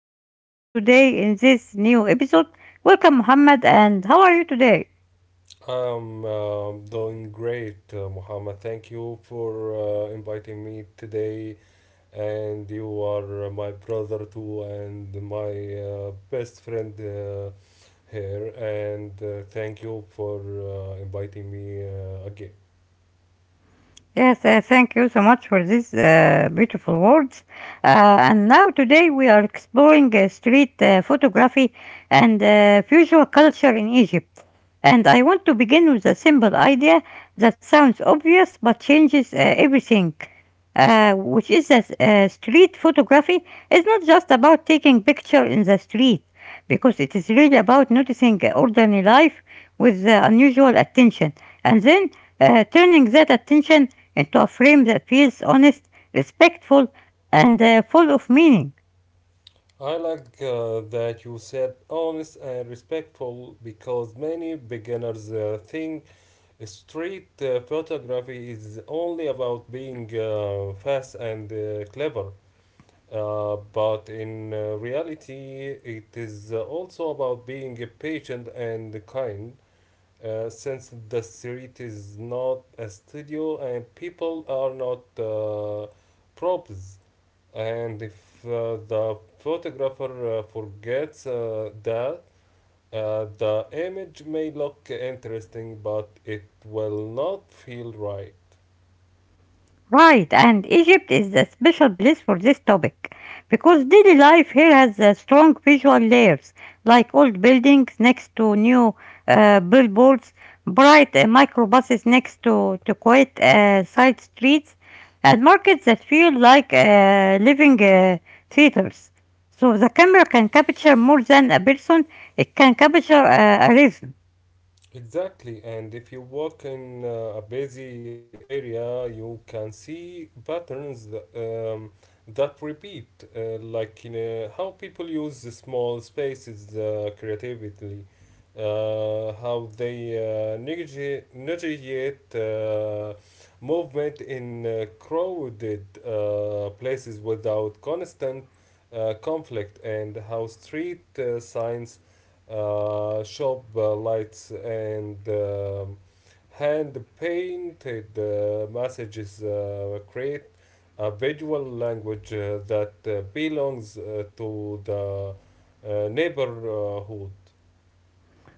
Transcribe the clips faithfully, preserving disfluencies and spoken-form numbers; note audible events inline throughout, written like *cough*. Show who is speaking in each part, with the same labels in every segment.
Speaker 1: joins me today in this new episode. Welcome, Mohammed, and how are you today?
Speaker 2: I'm uh, doing great, uh, Muhammad. Thank you for uh, inviting me today. And you are uh, my brother too, and my uh, best friend uh, here. And uh, thank you for uh, inviting me uh, again.
Speaker 1: Yes, uh, thank you so much for these uh, beautiful words. Uh, and now today we are exploring uh, street uh, photography and uh, visual culture in Egypt. And I want to begin with a simple idea that sounds obvious but changes uh, everything, uh, which is that uh, street photography is not just about taking picture in the street, because it is really about noticing uh, ordinary life with uh, unusual attention, and then uh, turning that attention into a frame that feels honest, respectful, and uh, full of meaning.
Speaker 2: I like uh, that you said honest and respectful because many beginners uh, think street uh, photography is only about being uh, fast and uh, clever. Uh, but in uh, reality, it is uh, also about being a patient and kind, uh, since the street is not a studio and people are not uh, props. And if uh, the photographer uh, forgets uh, that, uh, the image may look interesting, but it will not feel right.
Speaker 1: Right, and Egypt is a special place for this topic because daily life here has uh, strong visual layers like old buildings next to new uh, billboards, bright uh, microbuses next to, to quiet uh, side streets, and markets that feel like uh, living uh, theaters. So the camera can capture more than a person, it can capture uh, a rhythm.
Speaker 2: Exactly, and if you walk in uh, a busy area, you can see patterns th- um, that repeat, uh, like in uh, how people use the small spaces uh, creatively, uh, how they uh, negati- negotiate uh, movement in uh, crowded uh, places without constant uh, conflict, and how street uh, signs, uh, shop uh, lights, and um, hand painted uh, messages uh, create a visual language uh, that uh, belongs uh, to the uh, neighborhood.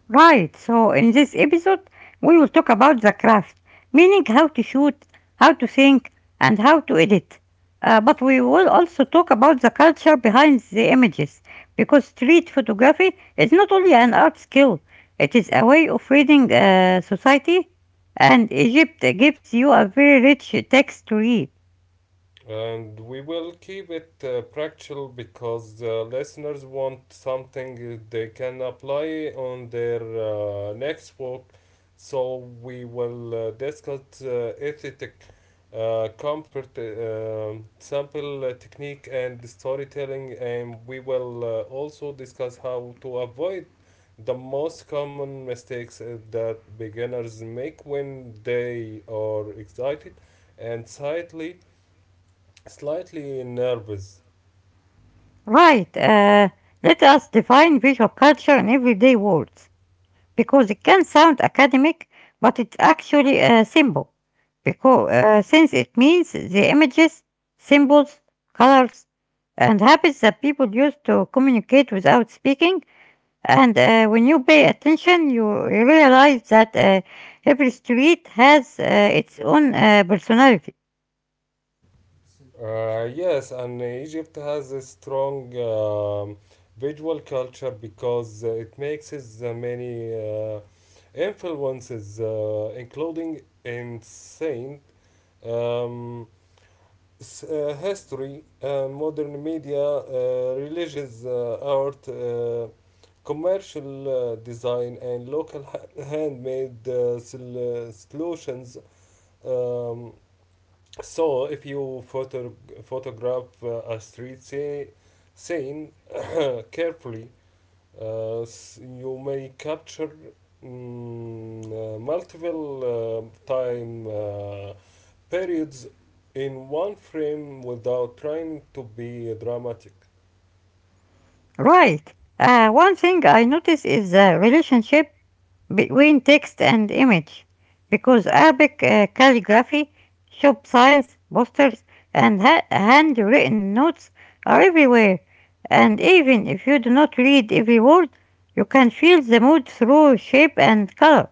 Speaker 1: Right, so in this episode, we will talk about the craft, meaning how to shoot, how to think, and how to edit. Uh, but we will also talk about the culture behind the images, because street photography is not only an art skill, it is a way of reading uh, society, and Egypt gives you a very rich text to read.
Speaker 2: And we will keep it uh, practical because uh, listeners want something they can apply on their uh, next work. So we will uh, discuss uh, aesthetic, uh, comfort, uh, um, sample uh, technique, and storytelling. And we will uh, also discuss how to avoid the most common mistakes uh, that beginners make when they are excited and slightly Slightly nervous.
Speaker 1: Right, uh, let us define visual culture in everyday words, because it can sound academic, but it's actually uh, simple. Because uh, since it means the images, symbols, colors, and habits that people use to communicate without speaking. And uh, When you pay attention, you you realize that uh, every street has uh, its own uh, personality.
Speaker 2: Uh, yes, and Egypt has a strong um, visual culture because uh, it makes its, uh, many uh, influences, uh, including insane um, s- uh, history, uh, modern media, uh, religious uh, art, uh, commercial uh, design, and local ha- handmade uh, sol- uh, solutions. Um, So if you photo- photograph uh, a street say, scene *coughs* carefully, uh, s- you may capture mm, uh, multiple uh, time uh, periods in one frame without trying to be dramatic.
Speaker 1: Right. Uh, one thing I notice is the relationship between text and image because Arabic uh, calligraphy, shop signs, posters, and ha- handwritten notes are everywhere. And even if you do not read every word, you can feel the mood through shape and color.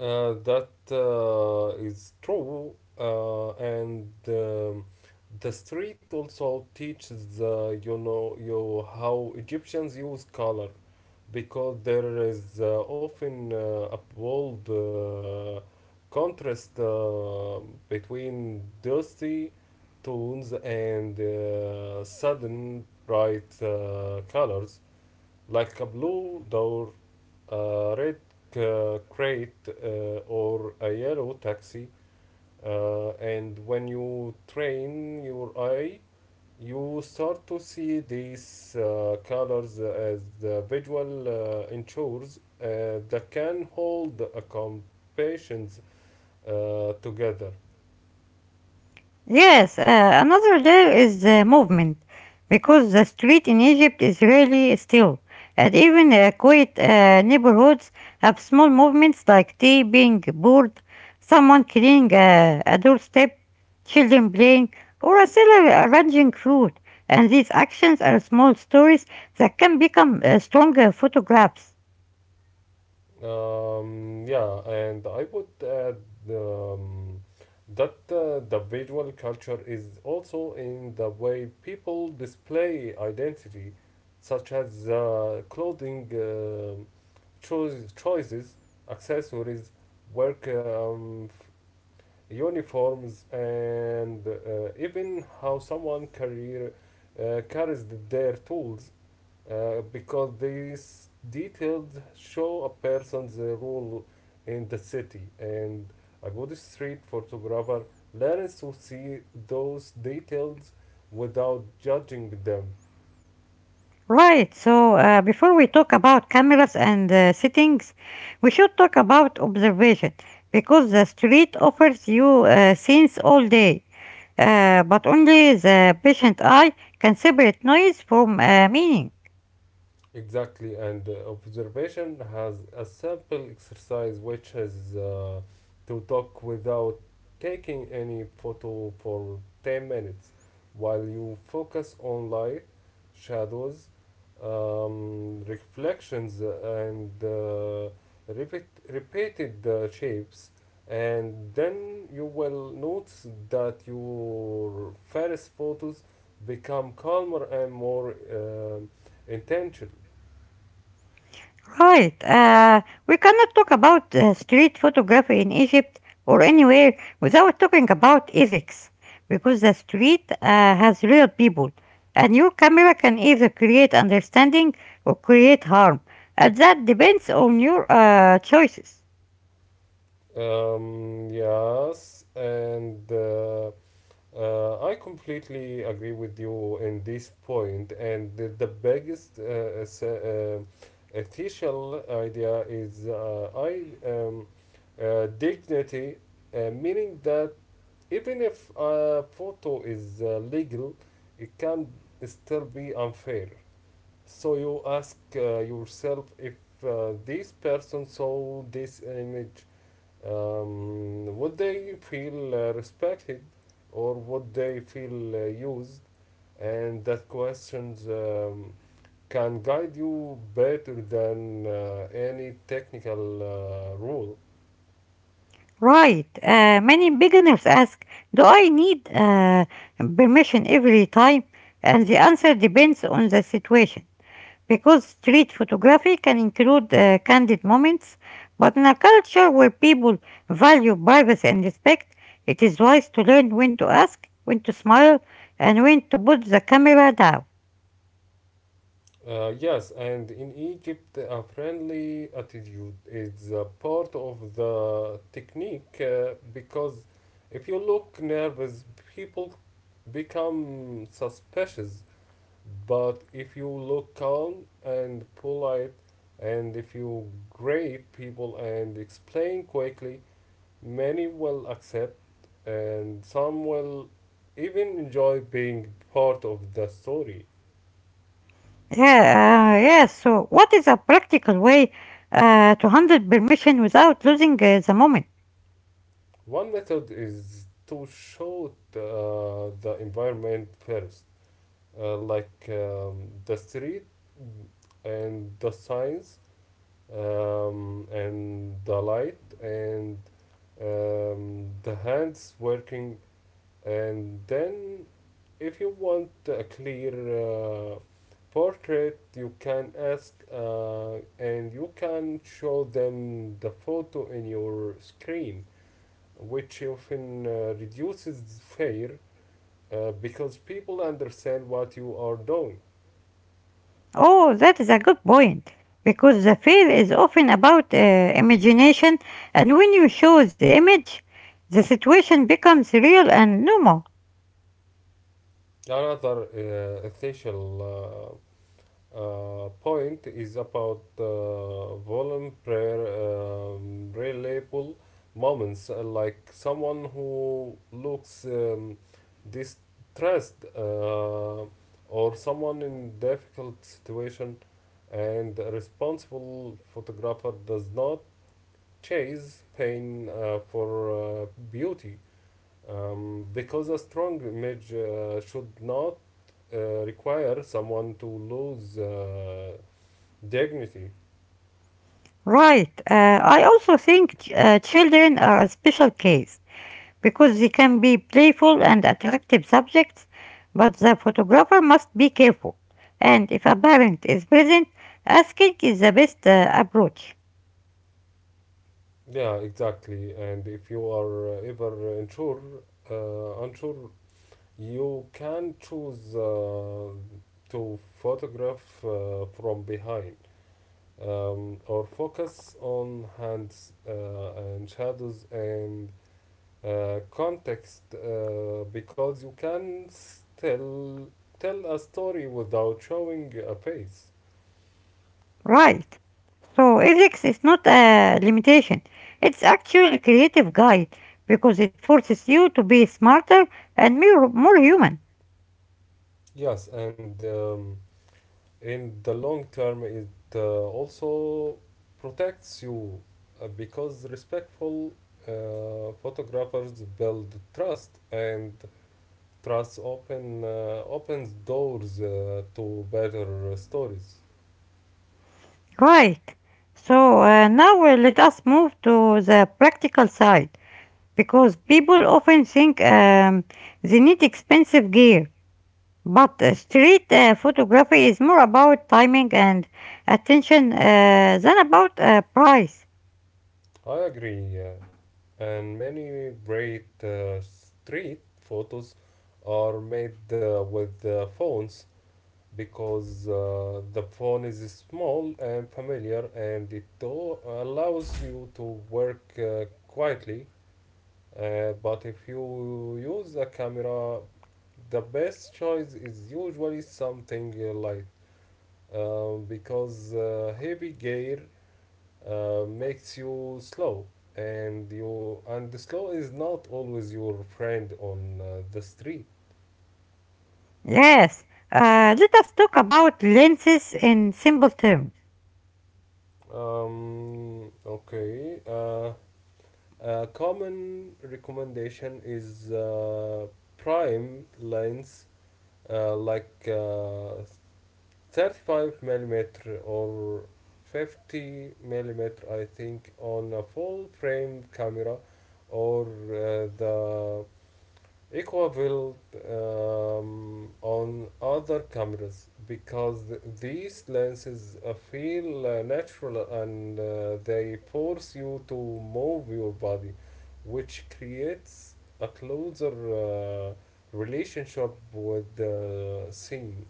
Speaker 2: Uh, that uh, is true, uh, and um, the street also teaches uh, you know you how Egyptians use color. Because there is uh, often uh, a bold uh, contrast uh, between dusty tones and uh, sudden bright uh, colors, like a blue door, a red uh, crate, uh, or a yellow taxi. Uh, and when you train your eye, you start to see these uh, colors as the visual uh, ensures uh, that can hold a compassions uh, together.
Speaker 1: Yes, uh, another layer is the movement, because the street in Egypt is really still, and even uh, quiet uh, neighborhoods have small movements like tea being poured, someone cleaning uh, a doorstep, children playing, or a seller arranging food. And these actions are small stories that can become uh, stronger photographs.
Speaker 2: Um, yeah, and I would add um, that uh, the visual culture is also in the way people display identity, such as uh, clothing uh, choice, choices, accessories, work um, f- uniforms, and uh, even how someone carrier, uh, carries their tools, uh, because these details show a person's uh, role in the city. And a good street photographer learns to see those details without judging them.
Speaker 1: Right, so uh, before we talk about cameras and uh, settings, we should talk about observation because the street offers you uh, scenes all day, uh, but only the patient eye can separate noise from uh, meaning.
Speaker 2: Exactly, and uh, observation has a simple exercise which is uh, to talk without taking any photo for ten minutes while you focus on light, shadows, um, reflections, and uh, repeat, repeated uh, shapes. And then you will notice that your first photos become calmer and more um intentional.
Speaker 1: Right. Uh, we cannot talk about uh, street photography in Egypt or anywhere without talking about ethics, because the street uh, has real people, and your camera can either create understanding or create harm, and that depends on your uh, choices.
Speaker 2: Um, yes, and uh, uh, I completely agree with you in this point. And the, the biggest uh, es- uh, ethical idea is uh, I um, uh, dignity, uh, meaning that even if a photo is uh, legal, it can still be unfair. So you ask uh, yourself, if uh, this person saw this image, um, would they feel uh, respected, or would they feel uh, used? And that questions um, can guide you better than uh, any technical uh, rule.
Speaker 1: Right. Uh, many beginners ask, "Do I need uh, permission every time?" And the answer depends on the situation, because street photography can include uh, candid moments, but in a culture where people value privacy and respect, it is wise to learn when to ask, when to smile, and when to put the camera down.
Speaker 2: Uh, yes, and in Egypt, a friendly attitude is a part of the technique uh, because if you look nervous, people become suspicious. But if you look calm and polite, and if you grade people and explain quickly, many will accept, and some will even enjoy being part of the story.
Speaker 1: Yeah, uh, yeah. So, what is a practical way uh, to handle permission without losing uh, the moment?
Speaker 2: One method is to show the, the environment first, uh, like um, the street and the signs, um, and the light, and um, the hands working, and then if you want a clear uh, portrait, you can ask, uh, and you can show them the photo in your screen, which often uh, reduces fear uh, because people understand what you are doing.
Speaker 1: Oh, that is a good point. Because the fear is often about uh, imagination, and when you show the image, the situation becomes real and normal.
Speaker 2: Another uh, essential uh, uh, point is about uh, vulnerable, um, reliable moments, uh, like someone who looks um, distressed uh, or someone in difficult situation, and a responsible photographer does not chase pain uh, for uh, beauty. Um, because a strong image uh, should not uh, require someone to lose uh, dignity.
Speaker 1: Right. Uh, I also think ch- uh, children are a special case because they can be playful and attractive subjects, but the photographer must be careful. And if a parent is present, asking is the best uh, approach.
Speaker 2: Yeah, exactly. And if you are uh, ever unsure uh, unsure, you can choose uh, to photograph uh, from behind, um, or focus on hands uh, and shadows and uh, context uh, because you can still tell a story without showing a face.
Speaker 1: Right. So ethics is not a limitation. It's actually a creative guide because it forces you to be smarter and more, more human.
Speaker 2: Yes, and um, in the long term it uh, also protects you uh, because respectful uh, photographers build trust, and trust open uh, opens doors uh, to better stories.
Speaker 1: Right. So uh, now uh, let us move to the practical side because people often think um, they need expensive gear, but uh, street uh, photography is more about timing and attention uh, than about uh, price.
Speaker 2: I agree, uh, and many great uh, street photos are made uh, with uh, phones because uh, the phone is small and familiar, and it do- allows you to work uh, quietly. Uh, but if you use a camera, the best choice is usually something uh, light, um, because uh, heavy gear uh, makes you slow, and you and the slow is not always your friend on uh, the street.
Speaker 1: Yes, uh, let us talk about lenses in simple terms.
Speaker 2: Um okay uh A common recommendation is uh, prime lens, uh, like uh, thirty-five millimeter or fifty millimeter, I think, on a full frame camera, or uh, the Equa will, um, on other cameras, because th- these lenses uh, feel uh, natural, and uh, they force you to move your body, which creates a closer uh, relationship with the scene.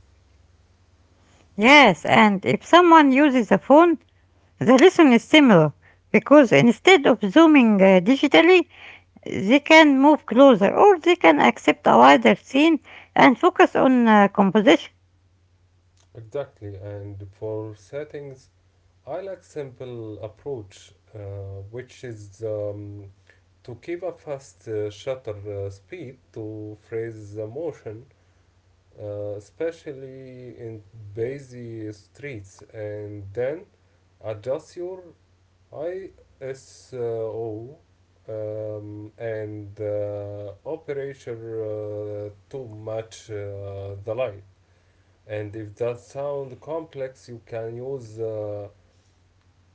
Speaker 1: Yes, and if someone uses a phone, the lesson is similar because instead of zooming uh, digitally, they can move closer or they can accept a wider scene and focus on uh, composition.
Speaker 2: Exactly, and for settings, I like simple approach, uh, which is um, to keep a fast uh, shutter uh, speed to freeze the motion, uh, especially in busy streets, and then adjust your ISO, um, and uh, operator uh, to match uh, the light. And if that sound complex, you can use uh,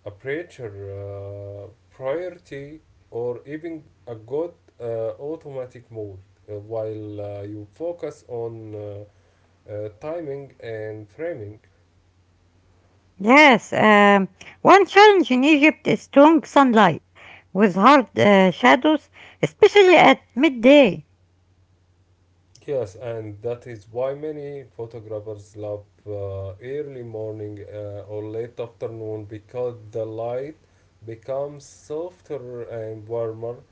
Speaker 2: a preacher, uh, priority, or even a good uh, automatic mode uh, while uh, you focus on uh, uh, timing and framing.
Speaker 1: Yes, um, one challenge in Egypt is strong sunlight with hard uh, shadows, especially at midday.
Speaker 2: Yes, and that is why many photographers love uh, early morning uh, or late afternoon, because the light becomes softer and warmer,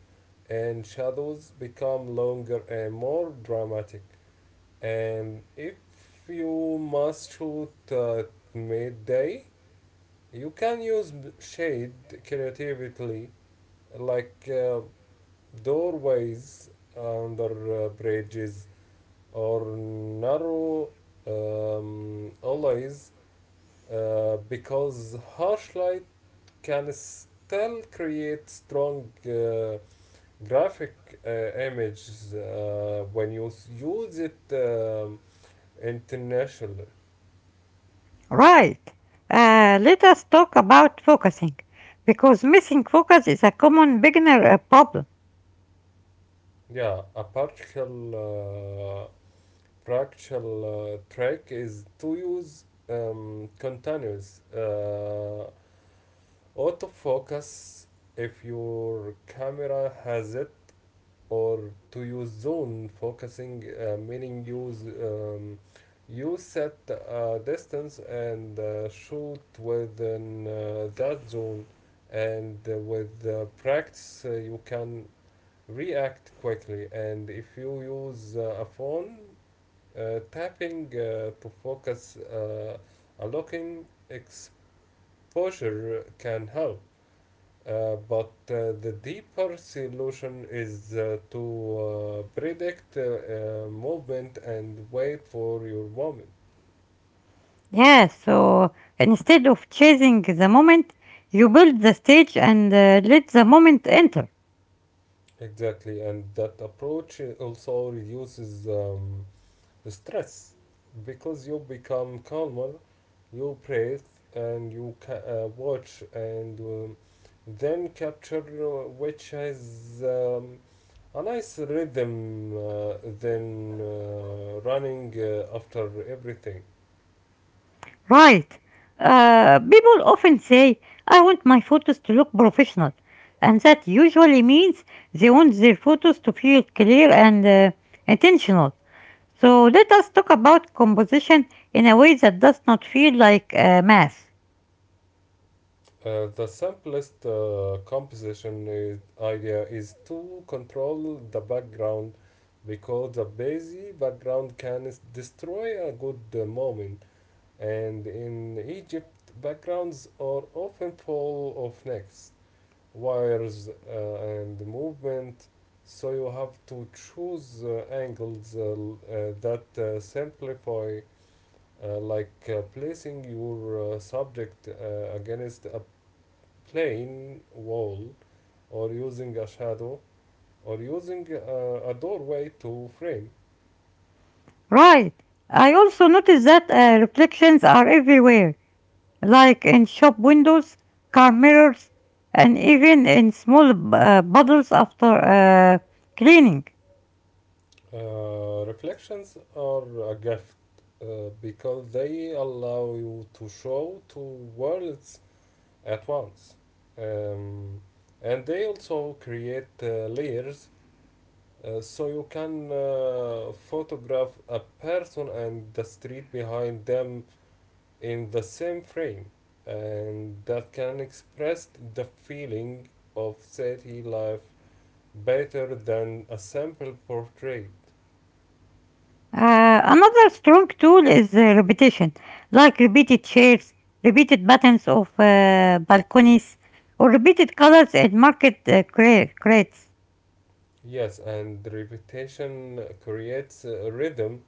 Speaker 2: and shadows become longer and more dramatic. And if you must shoot at midday, you can use b- shade creatively, like uh, doorways, under uh, bridges, or narrow um, alleys, uh, because harsh light can still create strong uh, graphic uh, images uh, when you s- use it um, internationally.
Speaker 1: Right. Uh, let us talk about focusing, because missing focus is a common beginner uh, problem.
Speaker 2: Yeah, a partial uh, fractal uh, track is to use um, continuous uh, autofocus if your camera has it, or to use zone focusing, uh, meaning use, um, you set a distance and uh, shoot within uh, that zone, and uh, with uh, practice uh, you can react quickly. And if you use uh, a phone, uh, tapping uh, to focus uh, a locking exposure can help, uh, but uh, the deeper solution is uh, to uh, predict uh, uh, movement and wait for your moment.
Speaker 1: Yes, so instead of chasing the moment, you build the stage and uh, let the moment enter.
Speaker 2: Exactly, and that approach also reduces um, stress, because you become calmer, you breathe, and you ca- uh, watch and um, then capture, uh, which has um, a nice rhythm uh, than uh, running uh, after everything.
Speaker 1: Right. Uh, people often say, "I want my photos to look professional." And that usually means they want their photos to feel clear and uh, intentional. So let us talk about composition in a way that does not feel like uh, math.
Speaker 2: Uh, the simplest uh, composition is, idea is to control the background, because the busy background can s- destroy a good uh, moment. And in Egypt, backgrounds are often full of necks, wires, uh, and movement, so you have to choose uh, angles uh, l- uh, that uh, simplify, uh, like uh, placing your uh, subject uh, against a plain wall, or using a shadow, or using uh, a doorway to frame.
Speaker 1: Right. I also noticed that uh, reflections are everywhere, like in shop windows, car mirrors, and even in small uh, bottles after uh, cleaning.
Speaker 2: Uh, reflections are a gift, uh, because they allow you to show two worlds at once. Um, and they also create uh, layers, uh, so you can uh, photograph a person and the street behind them in the same frame. And that can express the feeling of city life better than a simple portrait.
Speaker 1: Uh, another strong tool is uh, repetition, like repeated shares, repeated patterns of uh, balconies, or repeated colors at market uh, cra- crates.
Speaker 2: Yes, and repetition creates a rhythm,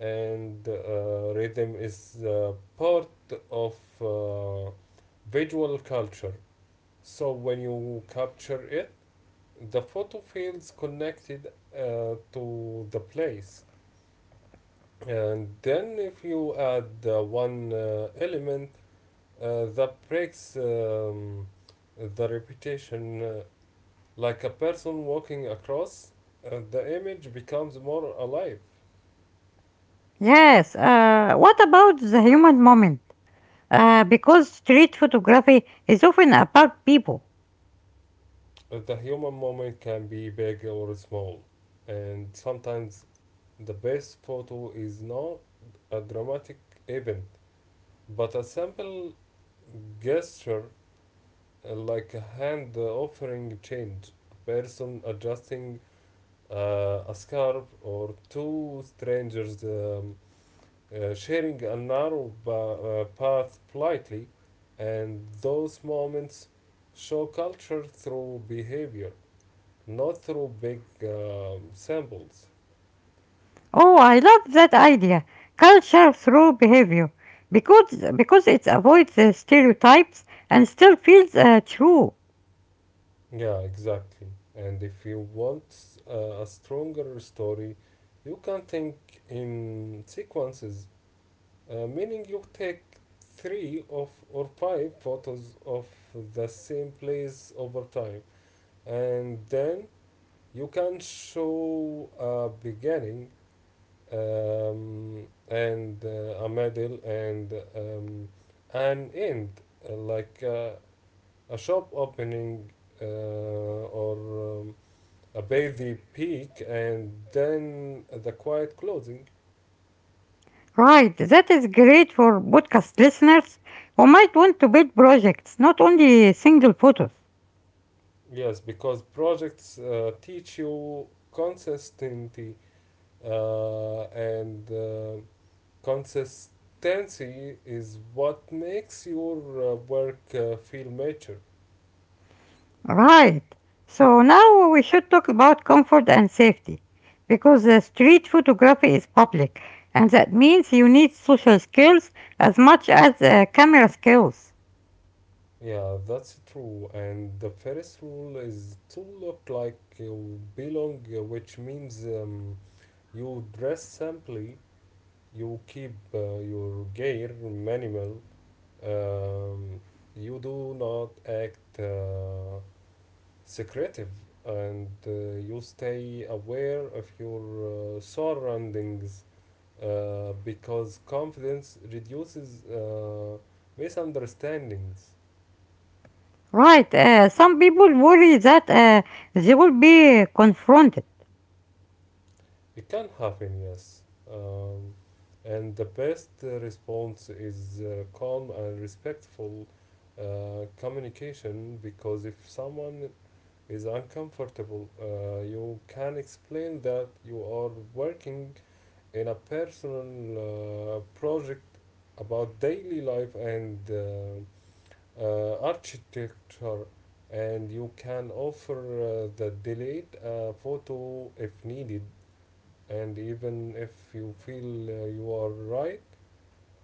Speaker 2: and uh, rhythm is uh, part of uh, visual culture. So when you capture it, the photo feels connected uh, to the place. And then if you add uh, one uh, element uh, that breaks um, the repetition, uh, like a person walking across, uh, the image becomes more alive.
Speaker 1: Yes, uh, what about the human moment? Uh, because street photography is often about people.
Speaker 2: Uh, The human moment can be big or small, and sometimes the best photo is not a dramatic event, but a simple gesture, uh, like a hand offering change, a person adjusting uh, a scarf, or two strangers um, uh, sharing a narrow ba- uh, path politely, and those moments show culture through behavior, not through big um, symbols.
Speaker 1: Oh, I love that idea. Culture through behavior. Because, because it avoids uh, stereotypes and still feels uh, true.
Speaker 2: Yeah, exactly. And if you want uh, a stronger story, you can think in sequences, uh, meaning you take three of or five photos of the same place over time, and then you can show a beginning um, and uh, a middle and um, an end, uh, like uh, a shop opening uh, or um, a busy peak and then the quiet closing.
Speaker 1: Right, that is great for podcast listeners who might want to build projects, not only single photos.
Speaker 2: Yes, because projects uh, teach you consistency uh, and uh, Consistency is what makes your uh, work uh, feel mature.
Speaker 1: Right, so now we should talk about comfort and safety because the street photography is public and that means you need social skills as much as uh, camera skills.
Speaker 2: Yeah, that's true. And the first rule is to look like you belong, uh, which means um, you dress simply, you keep uh, your gear minimal, um, you do not act uh, secretive, and uh, you stay aware of your uh, surroundings, uh, because confidence reduces uh, misunderstandings.
Speaker 1: Right, uh, some people worry that uh, they will be confronted.
Speaker 2: It can happen, yes. Um, and the best uh, response is uh, calm and respectful uh, communication, because if someone is uncomfortable, uh, you can explain that you are working in a personal uh, project about daily life and uh, uh, architecture, and you can offer uh, the delayed uh, photo if needed. And even if you feel uh, you are right,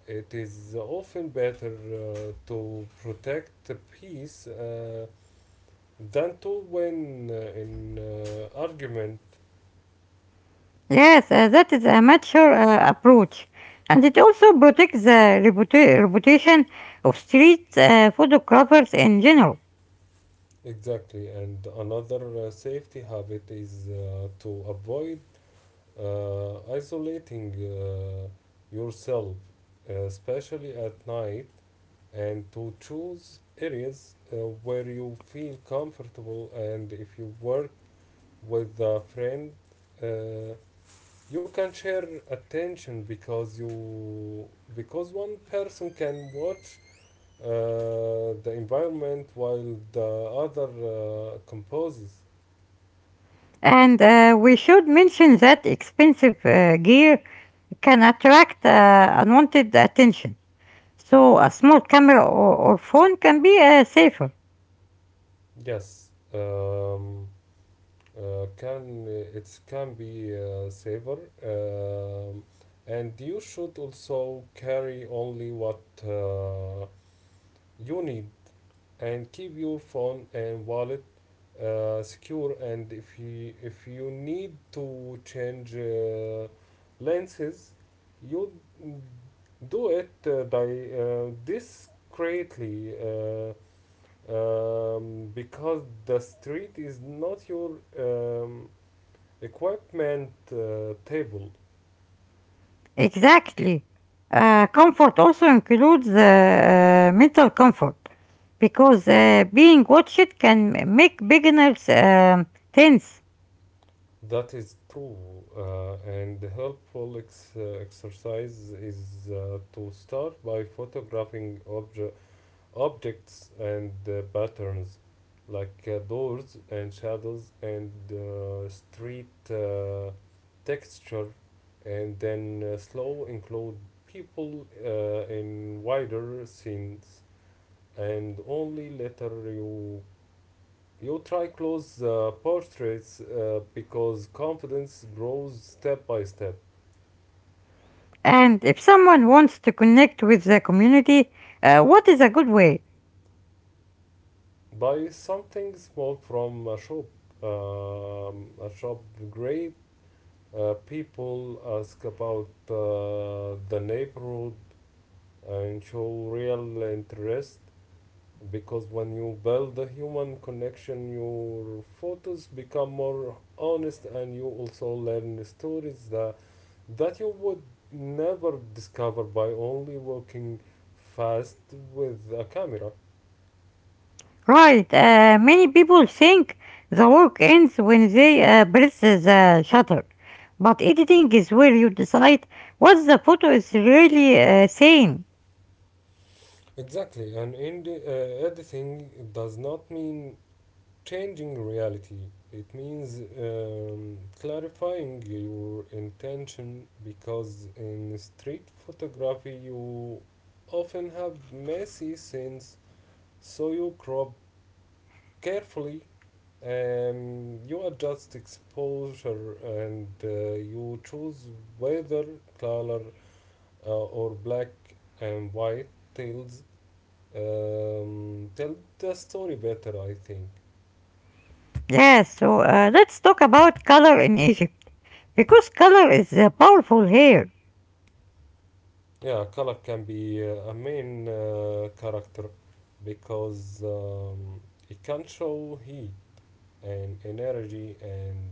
Speaker 2: it is often better uh, to protect the peace uh, than to win uh, in uh, argument.
Speaker 1: Yes, uh, that is a mature uh, approach, and it also protects the reputa- reputation of street uh, photographers in general.
Speaker 2: Exactly, and another uh, safety habit is uh, to avoid uh, isolating uh, yourself, uh, especially at night, and to choose areas uh, where you feel comfortable. And if you work with a friend, uh, you can share attention because you because one person can watch uh, the environment while the other uh, composes.
Speaker 1: And uh, we should mention that expensive uh, gear can attract uh, unwanted attention. So a small camera or, or phone can be uh, safer.
Speaker 2: Yes. Um, Uh, can it can be uh, safer, um, and you should also carry only what uh, you need and keep your phone and wallet uh, secure. And if you if you need to change uh, lenses, you do it uh, di- uh, discreetly. Uh, um, because the street is not your um, equipment uh, table.
Speaker 1: Exactly. Uh, comfort also includes uh, mental comfort because uh, being watched can make beginners um tense.
Speaker 2: That is true, uh, and the helpful ex- uh, exercise is uh, to start by photographing obje- objects and uh, patterns, like uh, doors and shadows and uh, street uh, texture, and then uh, slow include people uh, in wider scenes, and only later you You try close uh, portraits, uh, because confidence grows step by step.
Speaker 1: And if someone wants to connect with the community, uh, what is a good way?
Speaker 2: Buy something small from a shop. Um, a shop, great. Uh, people ask about uh, the neighborhood and show real interest, because when you build a human connection, your photos become more honest and you also learn stories that that you would never discover by only walking fast with a camera.
Speaker 1: Right, uh, many people think the work ends when they uh, press the shutter. But editing is where you decide what the photo is really uh, saying.
Speaker 2: Exactly, and in the, uh, editing does not mean changing reality. It means um, clarifying your intention, because in street photography you often have messy scenes, so you crop carefully and you adjust exposure, and uh, you choose whether color uh, or black and white tells um, tell the story better, I think.
Speaker 1: Yeah, so uh, let's talk about color in Egypt. Because color is uh, powerful here.
Speaker 2: Yeah, color can be uh, a main uh, character, because um, it can show heat and energy and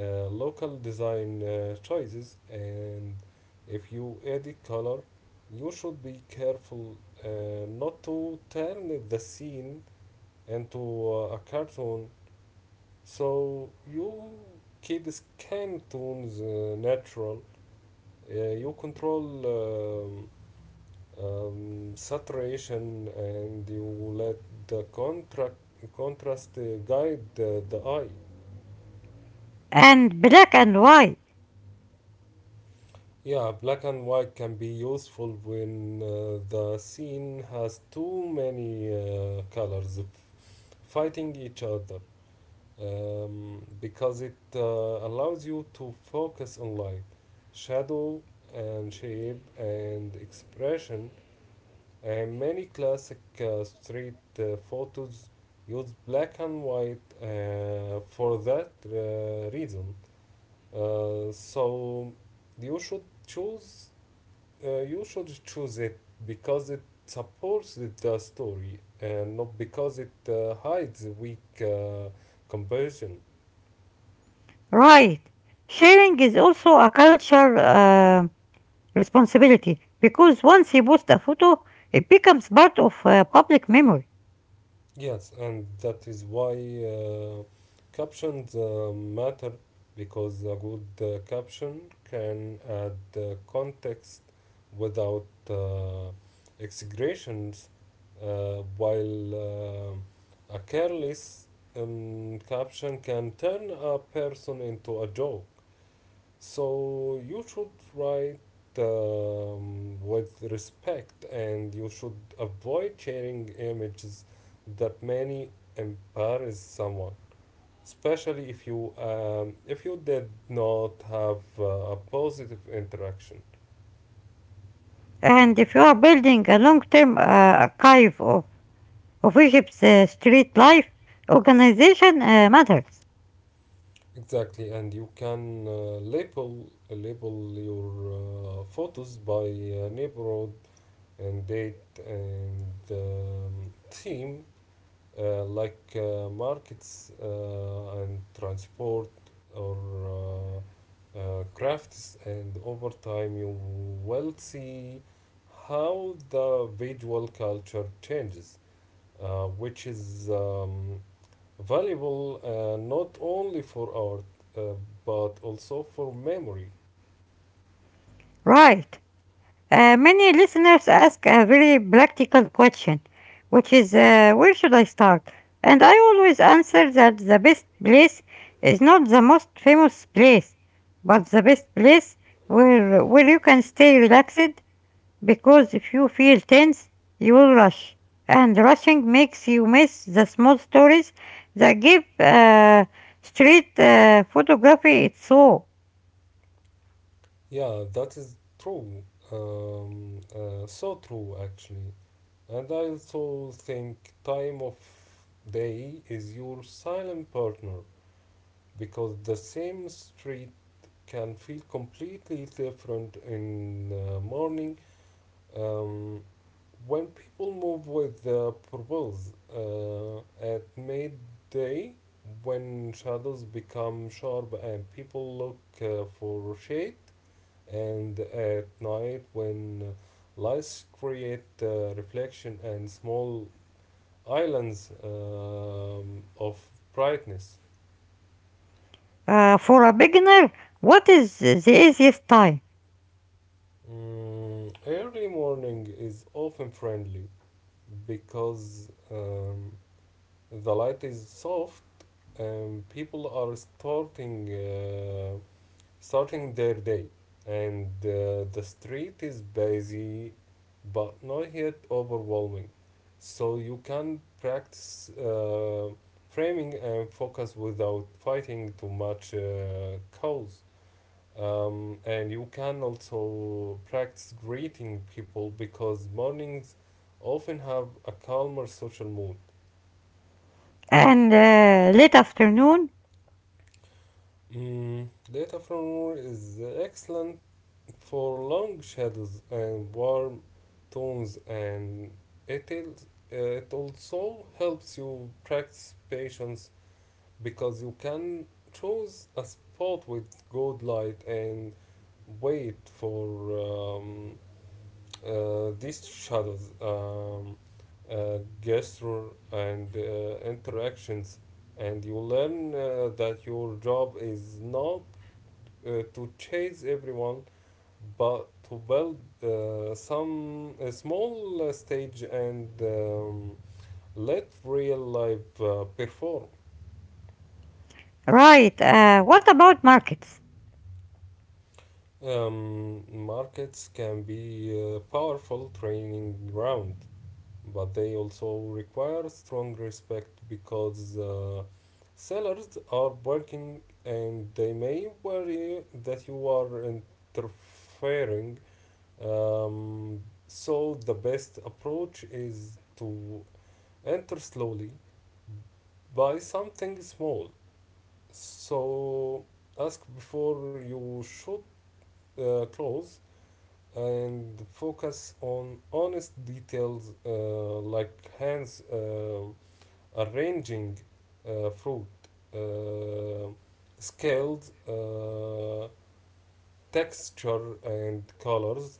Speaker 2: uh, local design uh, choices. And if you edit color, you should be careful uh, not to turn the scene into uh, a cartoon, so you keep skin tones uh, natural, uh, you control um, um, saturation, and you let the contract contrast uh, guide uh, the eye.
Speaker 1: And black and white.
Speaker 2: Yeah, black and white can be useful when uh, the scene has too many uh, colors fighting each other, um, because it uh, allows you to focus on light, shadow, and shape and expression. And many classic uh, street uh, photos use black and white uh, for that uh, reason. Uh, so you should choose uh, you should choose it because it supports the story, and not because it uh, hides weak uh, comparison.
Speaker 1: Right. Sharing is also a culture uh, responsibility because once you post a photo, it becomes part of uh, public memory.
Speaker 2: Yes, and that is why uh, captions uh, matter, because a good uh, caption can add uh, context without uh, exaggerations, uh, while uh, a careless um, caption can turn a person into a joke. So you should write um, with respect, and you should avoid sharing images that may embarrass someone, especially if you um, if you did not have uh, a positive interaction.
Speaker 1: And if you are building a long term uh, archive of, of Egypt's uh, street life, organization uh, matters.
Speaker 2: Exactly, and you can uh, label label your uh, photos by uh, neighborhood and date and um, theme, uh, like uh, markets uh, and transport, or uh, uh, crafts, and over time you will see how the visual culture changes, uh, which is um, valuable, uh, not only for art uh, but also for memory.
Speaker 1: Right. Uh, many listeners ask a very practical question, which is uh, where should I start? And I always answer that the best place is not the most famous place, but the best place where, where you can stay relaxed. Because if you feel tense, you will rush. And rushing makes you miss the small stories that give uh, street uh, photography its soul.
Speaker 2: Yeah, that is true. Um, uh, so true, actually. And I also think time of day is your silent partner, because the same street can feel completely different in the morning, um, when people move with the purpose, uh, at midday when shadows become sharp and people look uh, for shade, and at night when lights create uh, reflection and small islands um, of brightness.
Speaker 1: Uh, for a beginner, what is the easiest time?
Speaker 2: Mm, early morning is often friendly, because um, the light is soft and people are starting uh, starting their day, and uh, the street is busy but not yet overwhelming, so you can practice uh, framing and focus without fighting too much uh, cause. Um, and you can also practice greeting people, because mornings often have a calmer social mood.
Speaker 1: And uh, late afternoon?
Speaker 2: Mm, data from Moore is excellent for long shadows and warm tones, and it, is, uh, it also helps you practice patience, because you can choose a spot with good light and wait for um, Uh, these shadows, um, uh, gesture, and uh, interactions, and you learn uh, that your job is not uh, to chase everyone, but to build uh, some a small uh, stage, and um, let real life uh, perform.
Speaker 1: Right, uh, what about markets?
Speaker 2: Um, markets can be a powerful training ground, but they also require strong respect, because uh, sellers are barking and they may worry that you are interfering. Um, so, the best approach is to enter slowly, buy something small. So, ask before you shoot uh, close, and focus on honest details, uh, like hands um arranging uh, fruit, uh, scaled uh, texture and colors,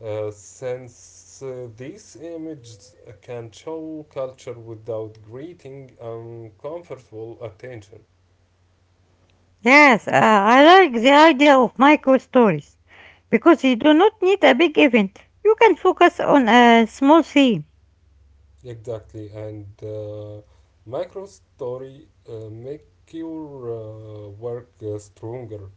Speaker 2: uh, since uh, these images can show culture without greeting uncomfortable attention.
Speaker 1: Yes, uh, I like the idea of micro stories because you do not need a big event. You can focus on a small theme.
Speaker 2: Exactly, and uh, micro story uh, make your uh, work uh, stronger,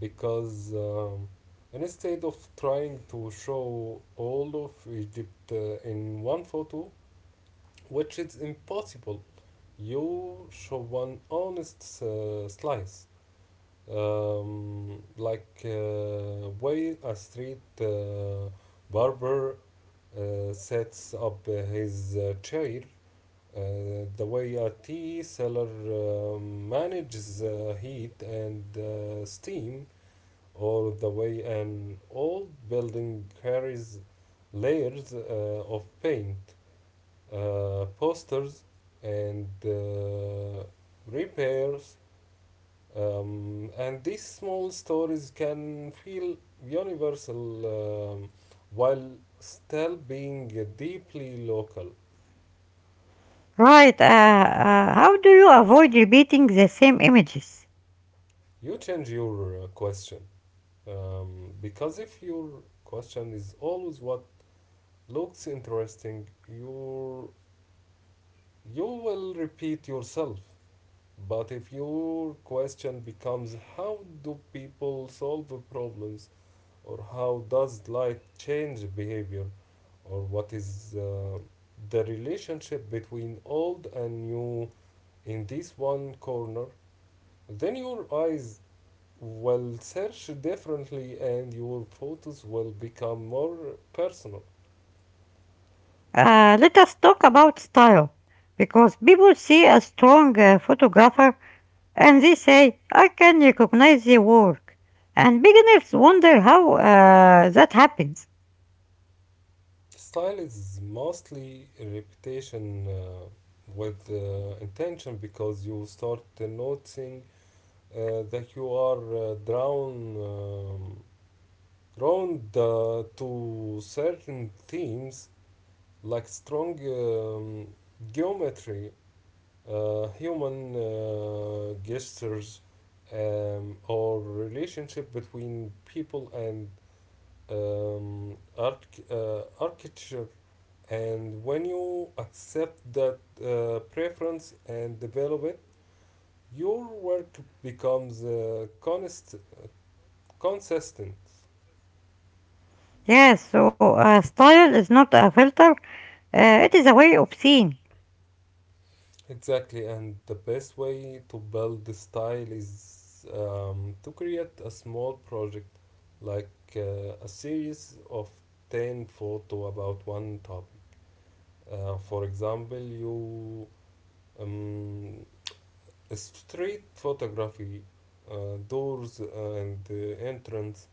Speaker 2: because um, instead of trying to show all of Egypt uh, in one photo, which is impossible, you show one honest uh, slice, um, like uh, way a street uh, barber uh, sets up his uh, chair, Uh, the way a tea seller uh, manages uh, heat and uh, steam all the way. An old building carries layers uh, of paint, uh, posters, and uh, repairs. Um, and these small stories can feel universal, um, while still being deeply local.
Speaker 1: Right. Uh, uh, how do you avoid repeating the same images?
Speaker 2: You change your uh, question, um, because if your question is always what looks interesting, your you will repeat yourself, but if your question becomes how do people solve problems, or how does light change behavior, or what is uh, the relationship between old and new in this one corner, then your eyes will search differently and your photos will become more personal.
Speaker 1: Uh, let us talk about style. Because people see a strong uh, photographer and they say, "I can recognize the work." And beginners wonder how uh, that happens.
Speaker 2: Style is mostly a reputation uh, with uh, intention, because you start uh, noticing uh, that you are uh, drawn um, drawn uh, to certain themes, like strong um, geometry, uh, human uh, gestures, um, or relationship between people and um, arch- uh, architecture. And when you accept that uh, preference and develop it, your work becomes uh, conist- uh, consistent.
Speaker 1: Yes, so uh, style is not a filter, uh, it is a way of seeing.
Speaker 2: Exactly, and the best way to build the style is um, to create a small project, like uh, a series of ten photo about one topic. Uh, for example, you um, street photography, uh, doors and uh, entrance,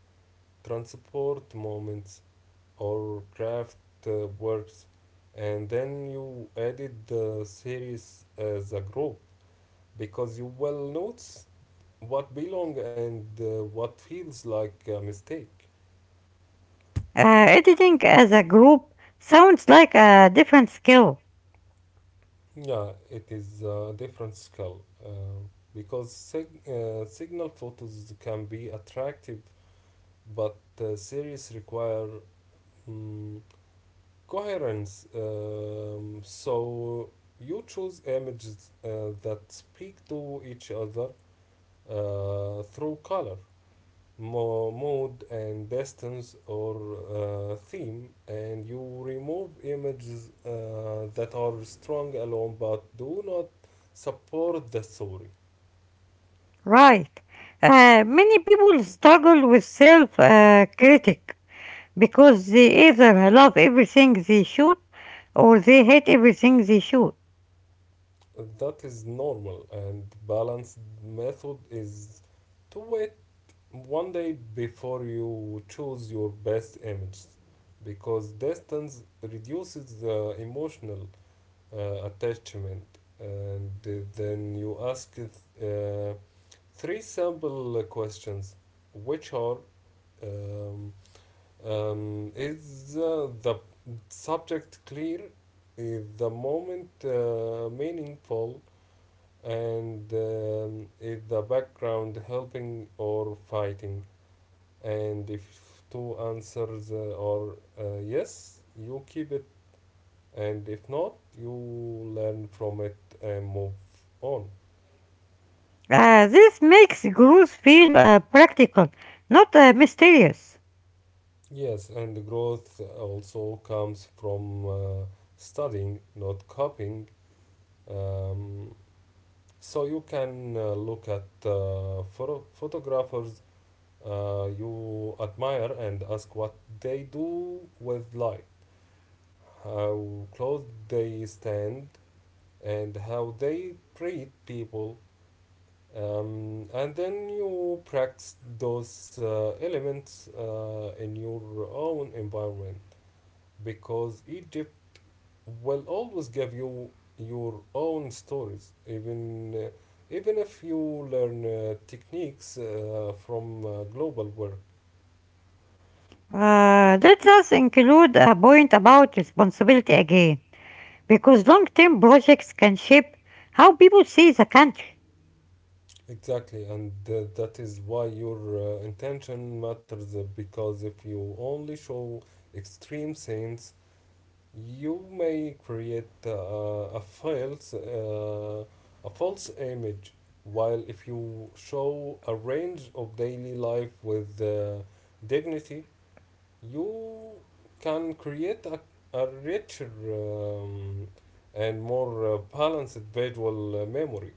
Speaker 2: transport moments, or craft uh, works, and then you added the series as a group, because you well notes what belong and uh, what feels like a mistake.
Speaker 1: Uh, editing as a group sounds like a different skill.
Speaker 2: Yeah, it is a different scale, uh, because sig- uh, signal photos can be attractive, but uh, series require mm coherence. Um, so you choose images uh, that speak to each other uh, through color, mo- mode, and distance or uh, theme, and you remove images uh, that are strong alone but do not support the story.
Speaker 1: Right. Uh, many people struggle with self uh, critic because they either love everything they shoot or they hate everything they shoot.
Speaker 2: That is normal, and balanced method is to wait one day before you choose your best image, because distance reduces the emotional uh, attachment. And uh, then you ask uh, three simple questions, which are um, um, is uh, the subject clear? Is the moment uh, meaningful? And um, is the background helping or fighting? And if two answers uh, are uh, yes, you keep it, and if not, you learn from it and move on.
Speaker 1: Uh, this makes growth feel uh, practical, not uh, mysterious.
Speaker 2: Yes, and the growth also comes from uh, studying, not copying. Um, so you can uh, look at uh, photo- photographers uh, you admire and ask what they do with light, how close they stand, and how they treat people. Um, and then you practice those uh, elements uh, in your own environment, because Egypt will always give you your own stories, even uh, even if you learn uh, techniques uh, from uh, global work.
Speaker 1: Uh, let us include a point about responsibility again, because long term projects can shape how people see the country.
Speaker 2: Exactly, and uh, that is why your uh, intention matters, uh, because if you only show extreme scenes, you may create uh, a false uh, a false image, while if you show a range of daily life with uh, dignity, you can create a, a richer, um, and more uh, balanced visual uh, memory,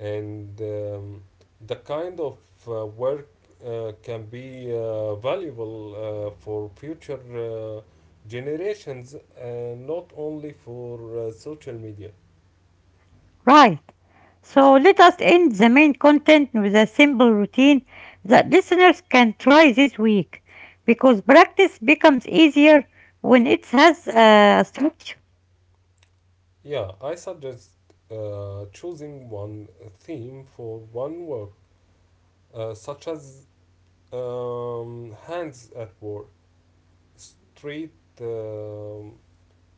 Speaker 2: and um, the kind of uh, work uh, can be uh, valuable uh, for future uh, generations, and not only for uh, social media.
Speaker 1: Right. So let us end the main content with a simple routine that listeners can try this week because practice becomes easier when it has uh, a structure
Speaker 2: Yeah, I suggest uh, choosing one theme for one work, uh, such as um, hands at work, street um,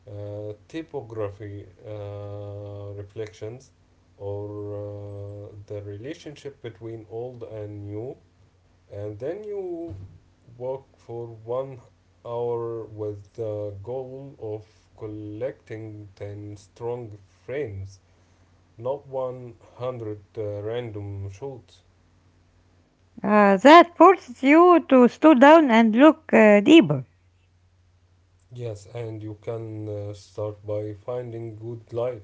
Speaker 2: uh, typography uh, reflections, or uh, the relationship between old and new, and then you walk for one hour with the goal of collecting ten strong frames, not one hundred uh, random shots.
Speaker 1: uh, that forces you to slow down and look uh, deeper.
Speaker 2: Yes, and you can uh, start by finding good light,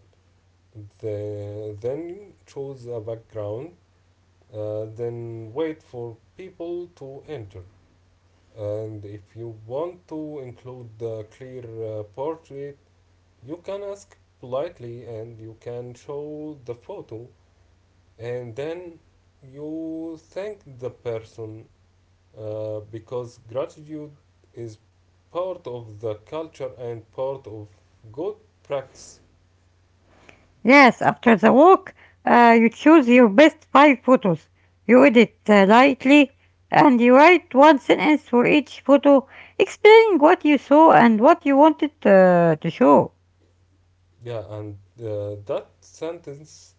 Speaker 2: the, then choose a background, uh, then wait for people to enter. And if you want to include the clear uh, portrait, you can ask politely and you can show the photo, and then you thank the person, uh, because gratitude is part of the culture and part of good practice.
Speaker 1: Yes, after the walk, uh, you choose your best five photos. You edit uh, lightly and you write one sentence for each photo explaining what you saw and what you wanted uh, to show.
Speaker 2: Yeah, and uh, that sentence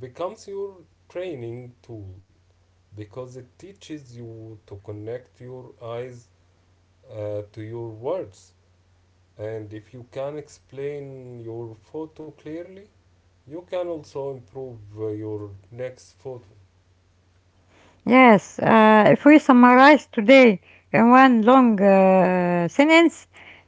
Speaker 2: becomes your training tool, because it teaches you to connect your eyes uh, to your words. And if you can explain your photo clearly, you can also improve uh, your next photo.
Speaker 1: Yes, uh, if we summarize today in one long uh, sentence,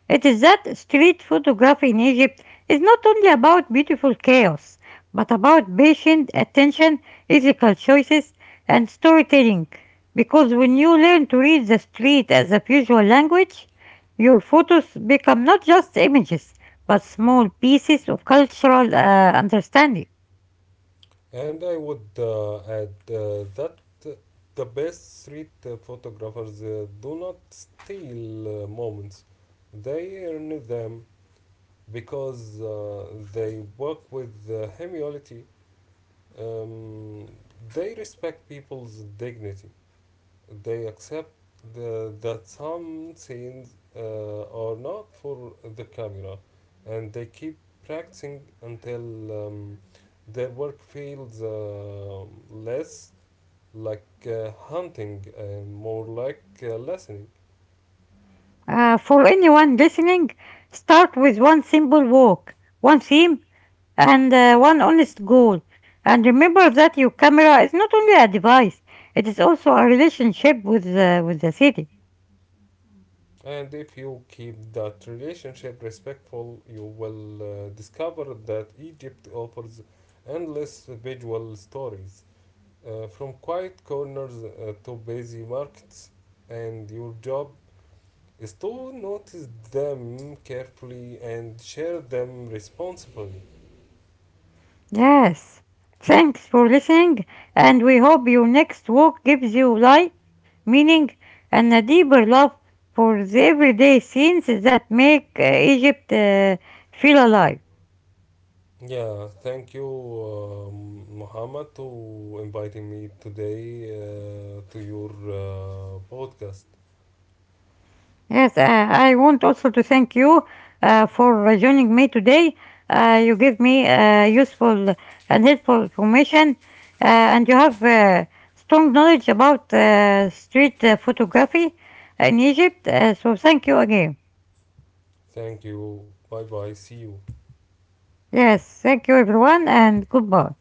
Speaker 1: it is that street photography in Egypt is not only about beautiful chaos, but about patient attention, ethical choices, and storytelling. Because when you learn to read the street as a visual language, your photos become not just images, but small pieces of cultural uh, understanding.
Speaker 2: And I would uh, add uh, that uh, the best street uh, photographers uh, do not steal uh, moments, they earn them, because uh, they work with uh, humility. Um, they respect people's dignity. They accept the, that some scenes uh, are not for the camera, and they keep practicing until um, their work feels uh, less like uh, hunting and more like uh, listening.
Speaker 1: Uh, for anyone listening, start with one simple walk, one theme, and uh, one honest goal. And remember that your camera is not only a device, it is also a relationship with, uh, with the city.
Speaker 2: And if you keep that relationship respectful, you will uh, discover that Egypt offers endless visual stories, uh, from quiet corners uh, to busy markets, and your job is to notice them carefully and share them responsibly.
Speaker 1: Yes. Thanks for listening, and we hope your next walk gives you light, meaning, and a deeper love for the everyday scenes that make uh, Egypt uh, feel alive.
Speaker 2: Yeah, thank you, um, Muhammad, to inviting me today uh, to your uh, podcast.
Speaker 1: Yes, uh, I want also to thank you uh, for uh, joining me today. Uh, you give me uh, useful and helpful information, uh, and you have uh, strong knowledge about uh, street uh, photography in Egypt. Uh, so, thank you again.
Speaker 2: Thank you. Bye bye. See you.
Speaker 1: Yes, thank you, everyone, and goodbye.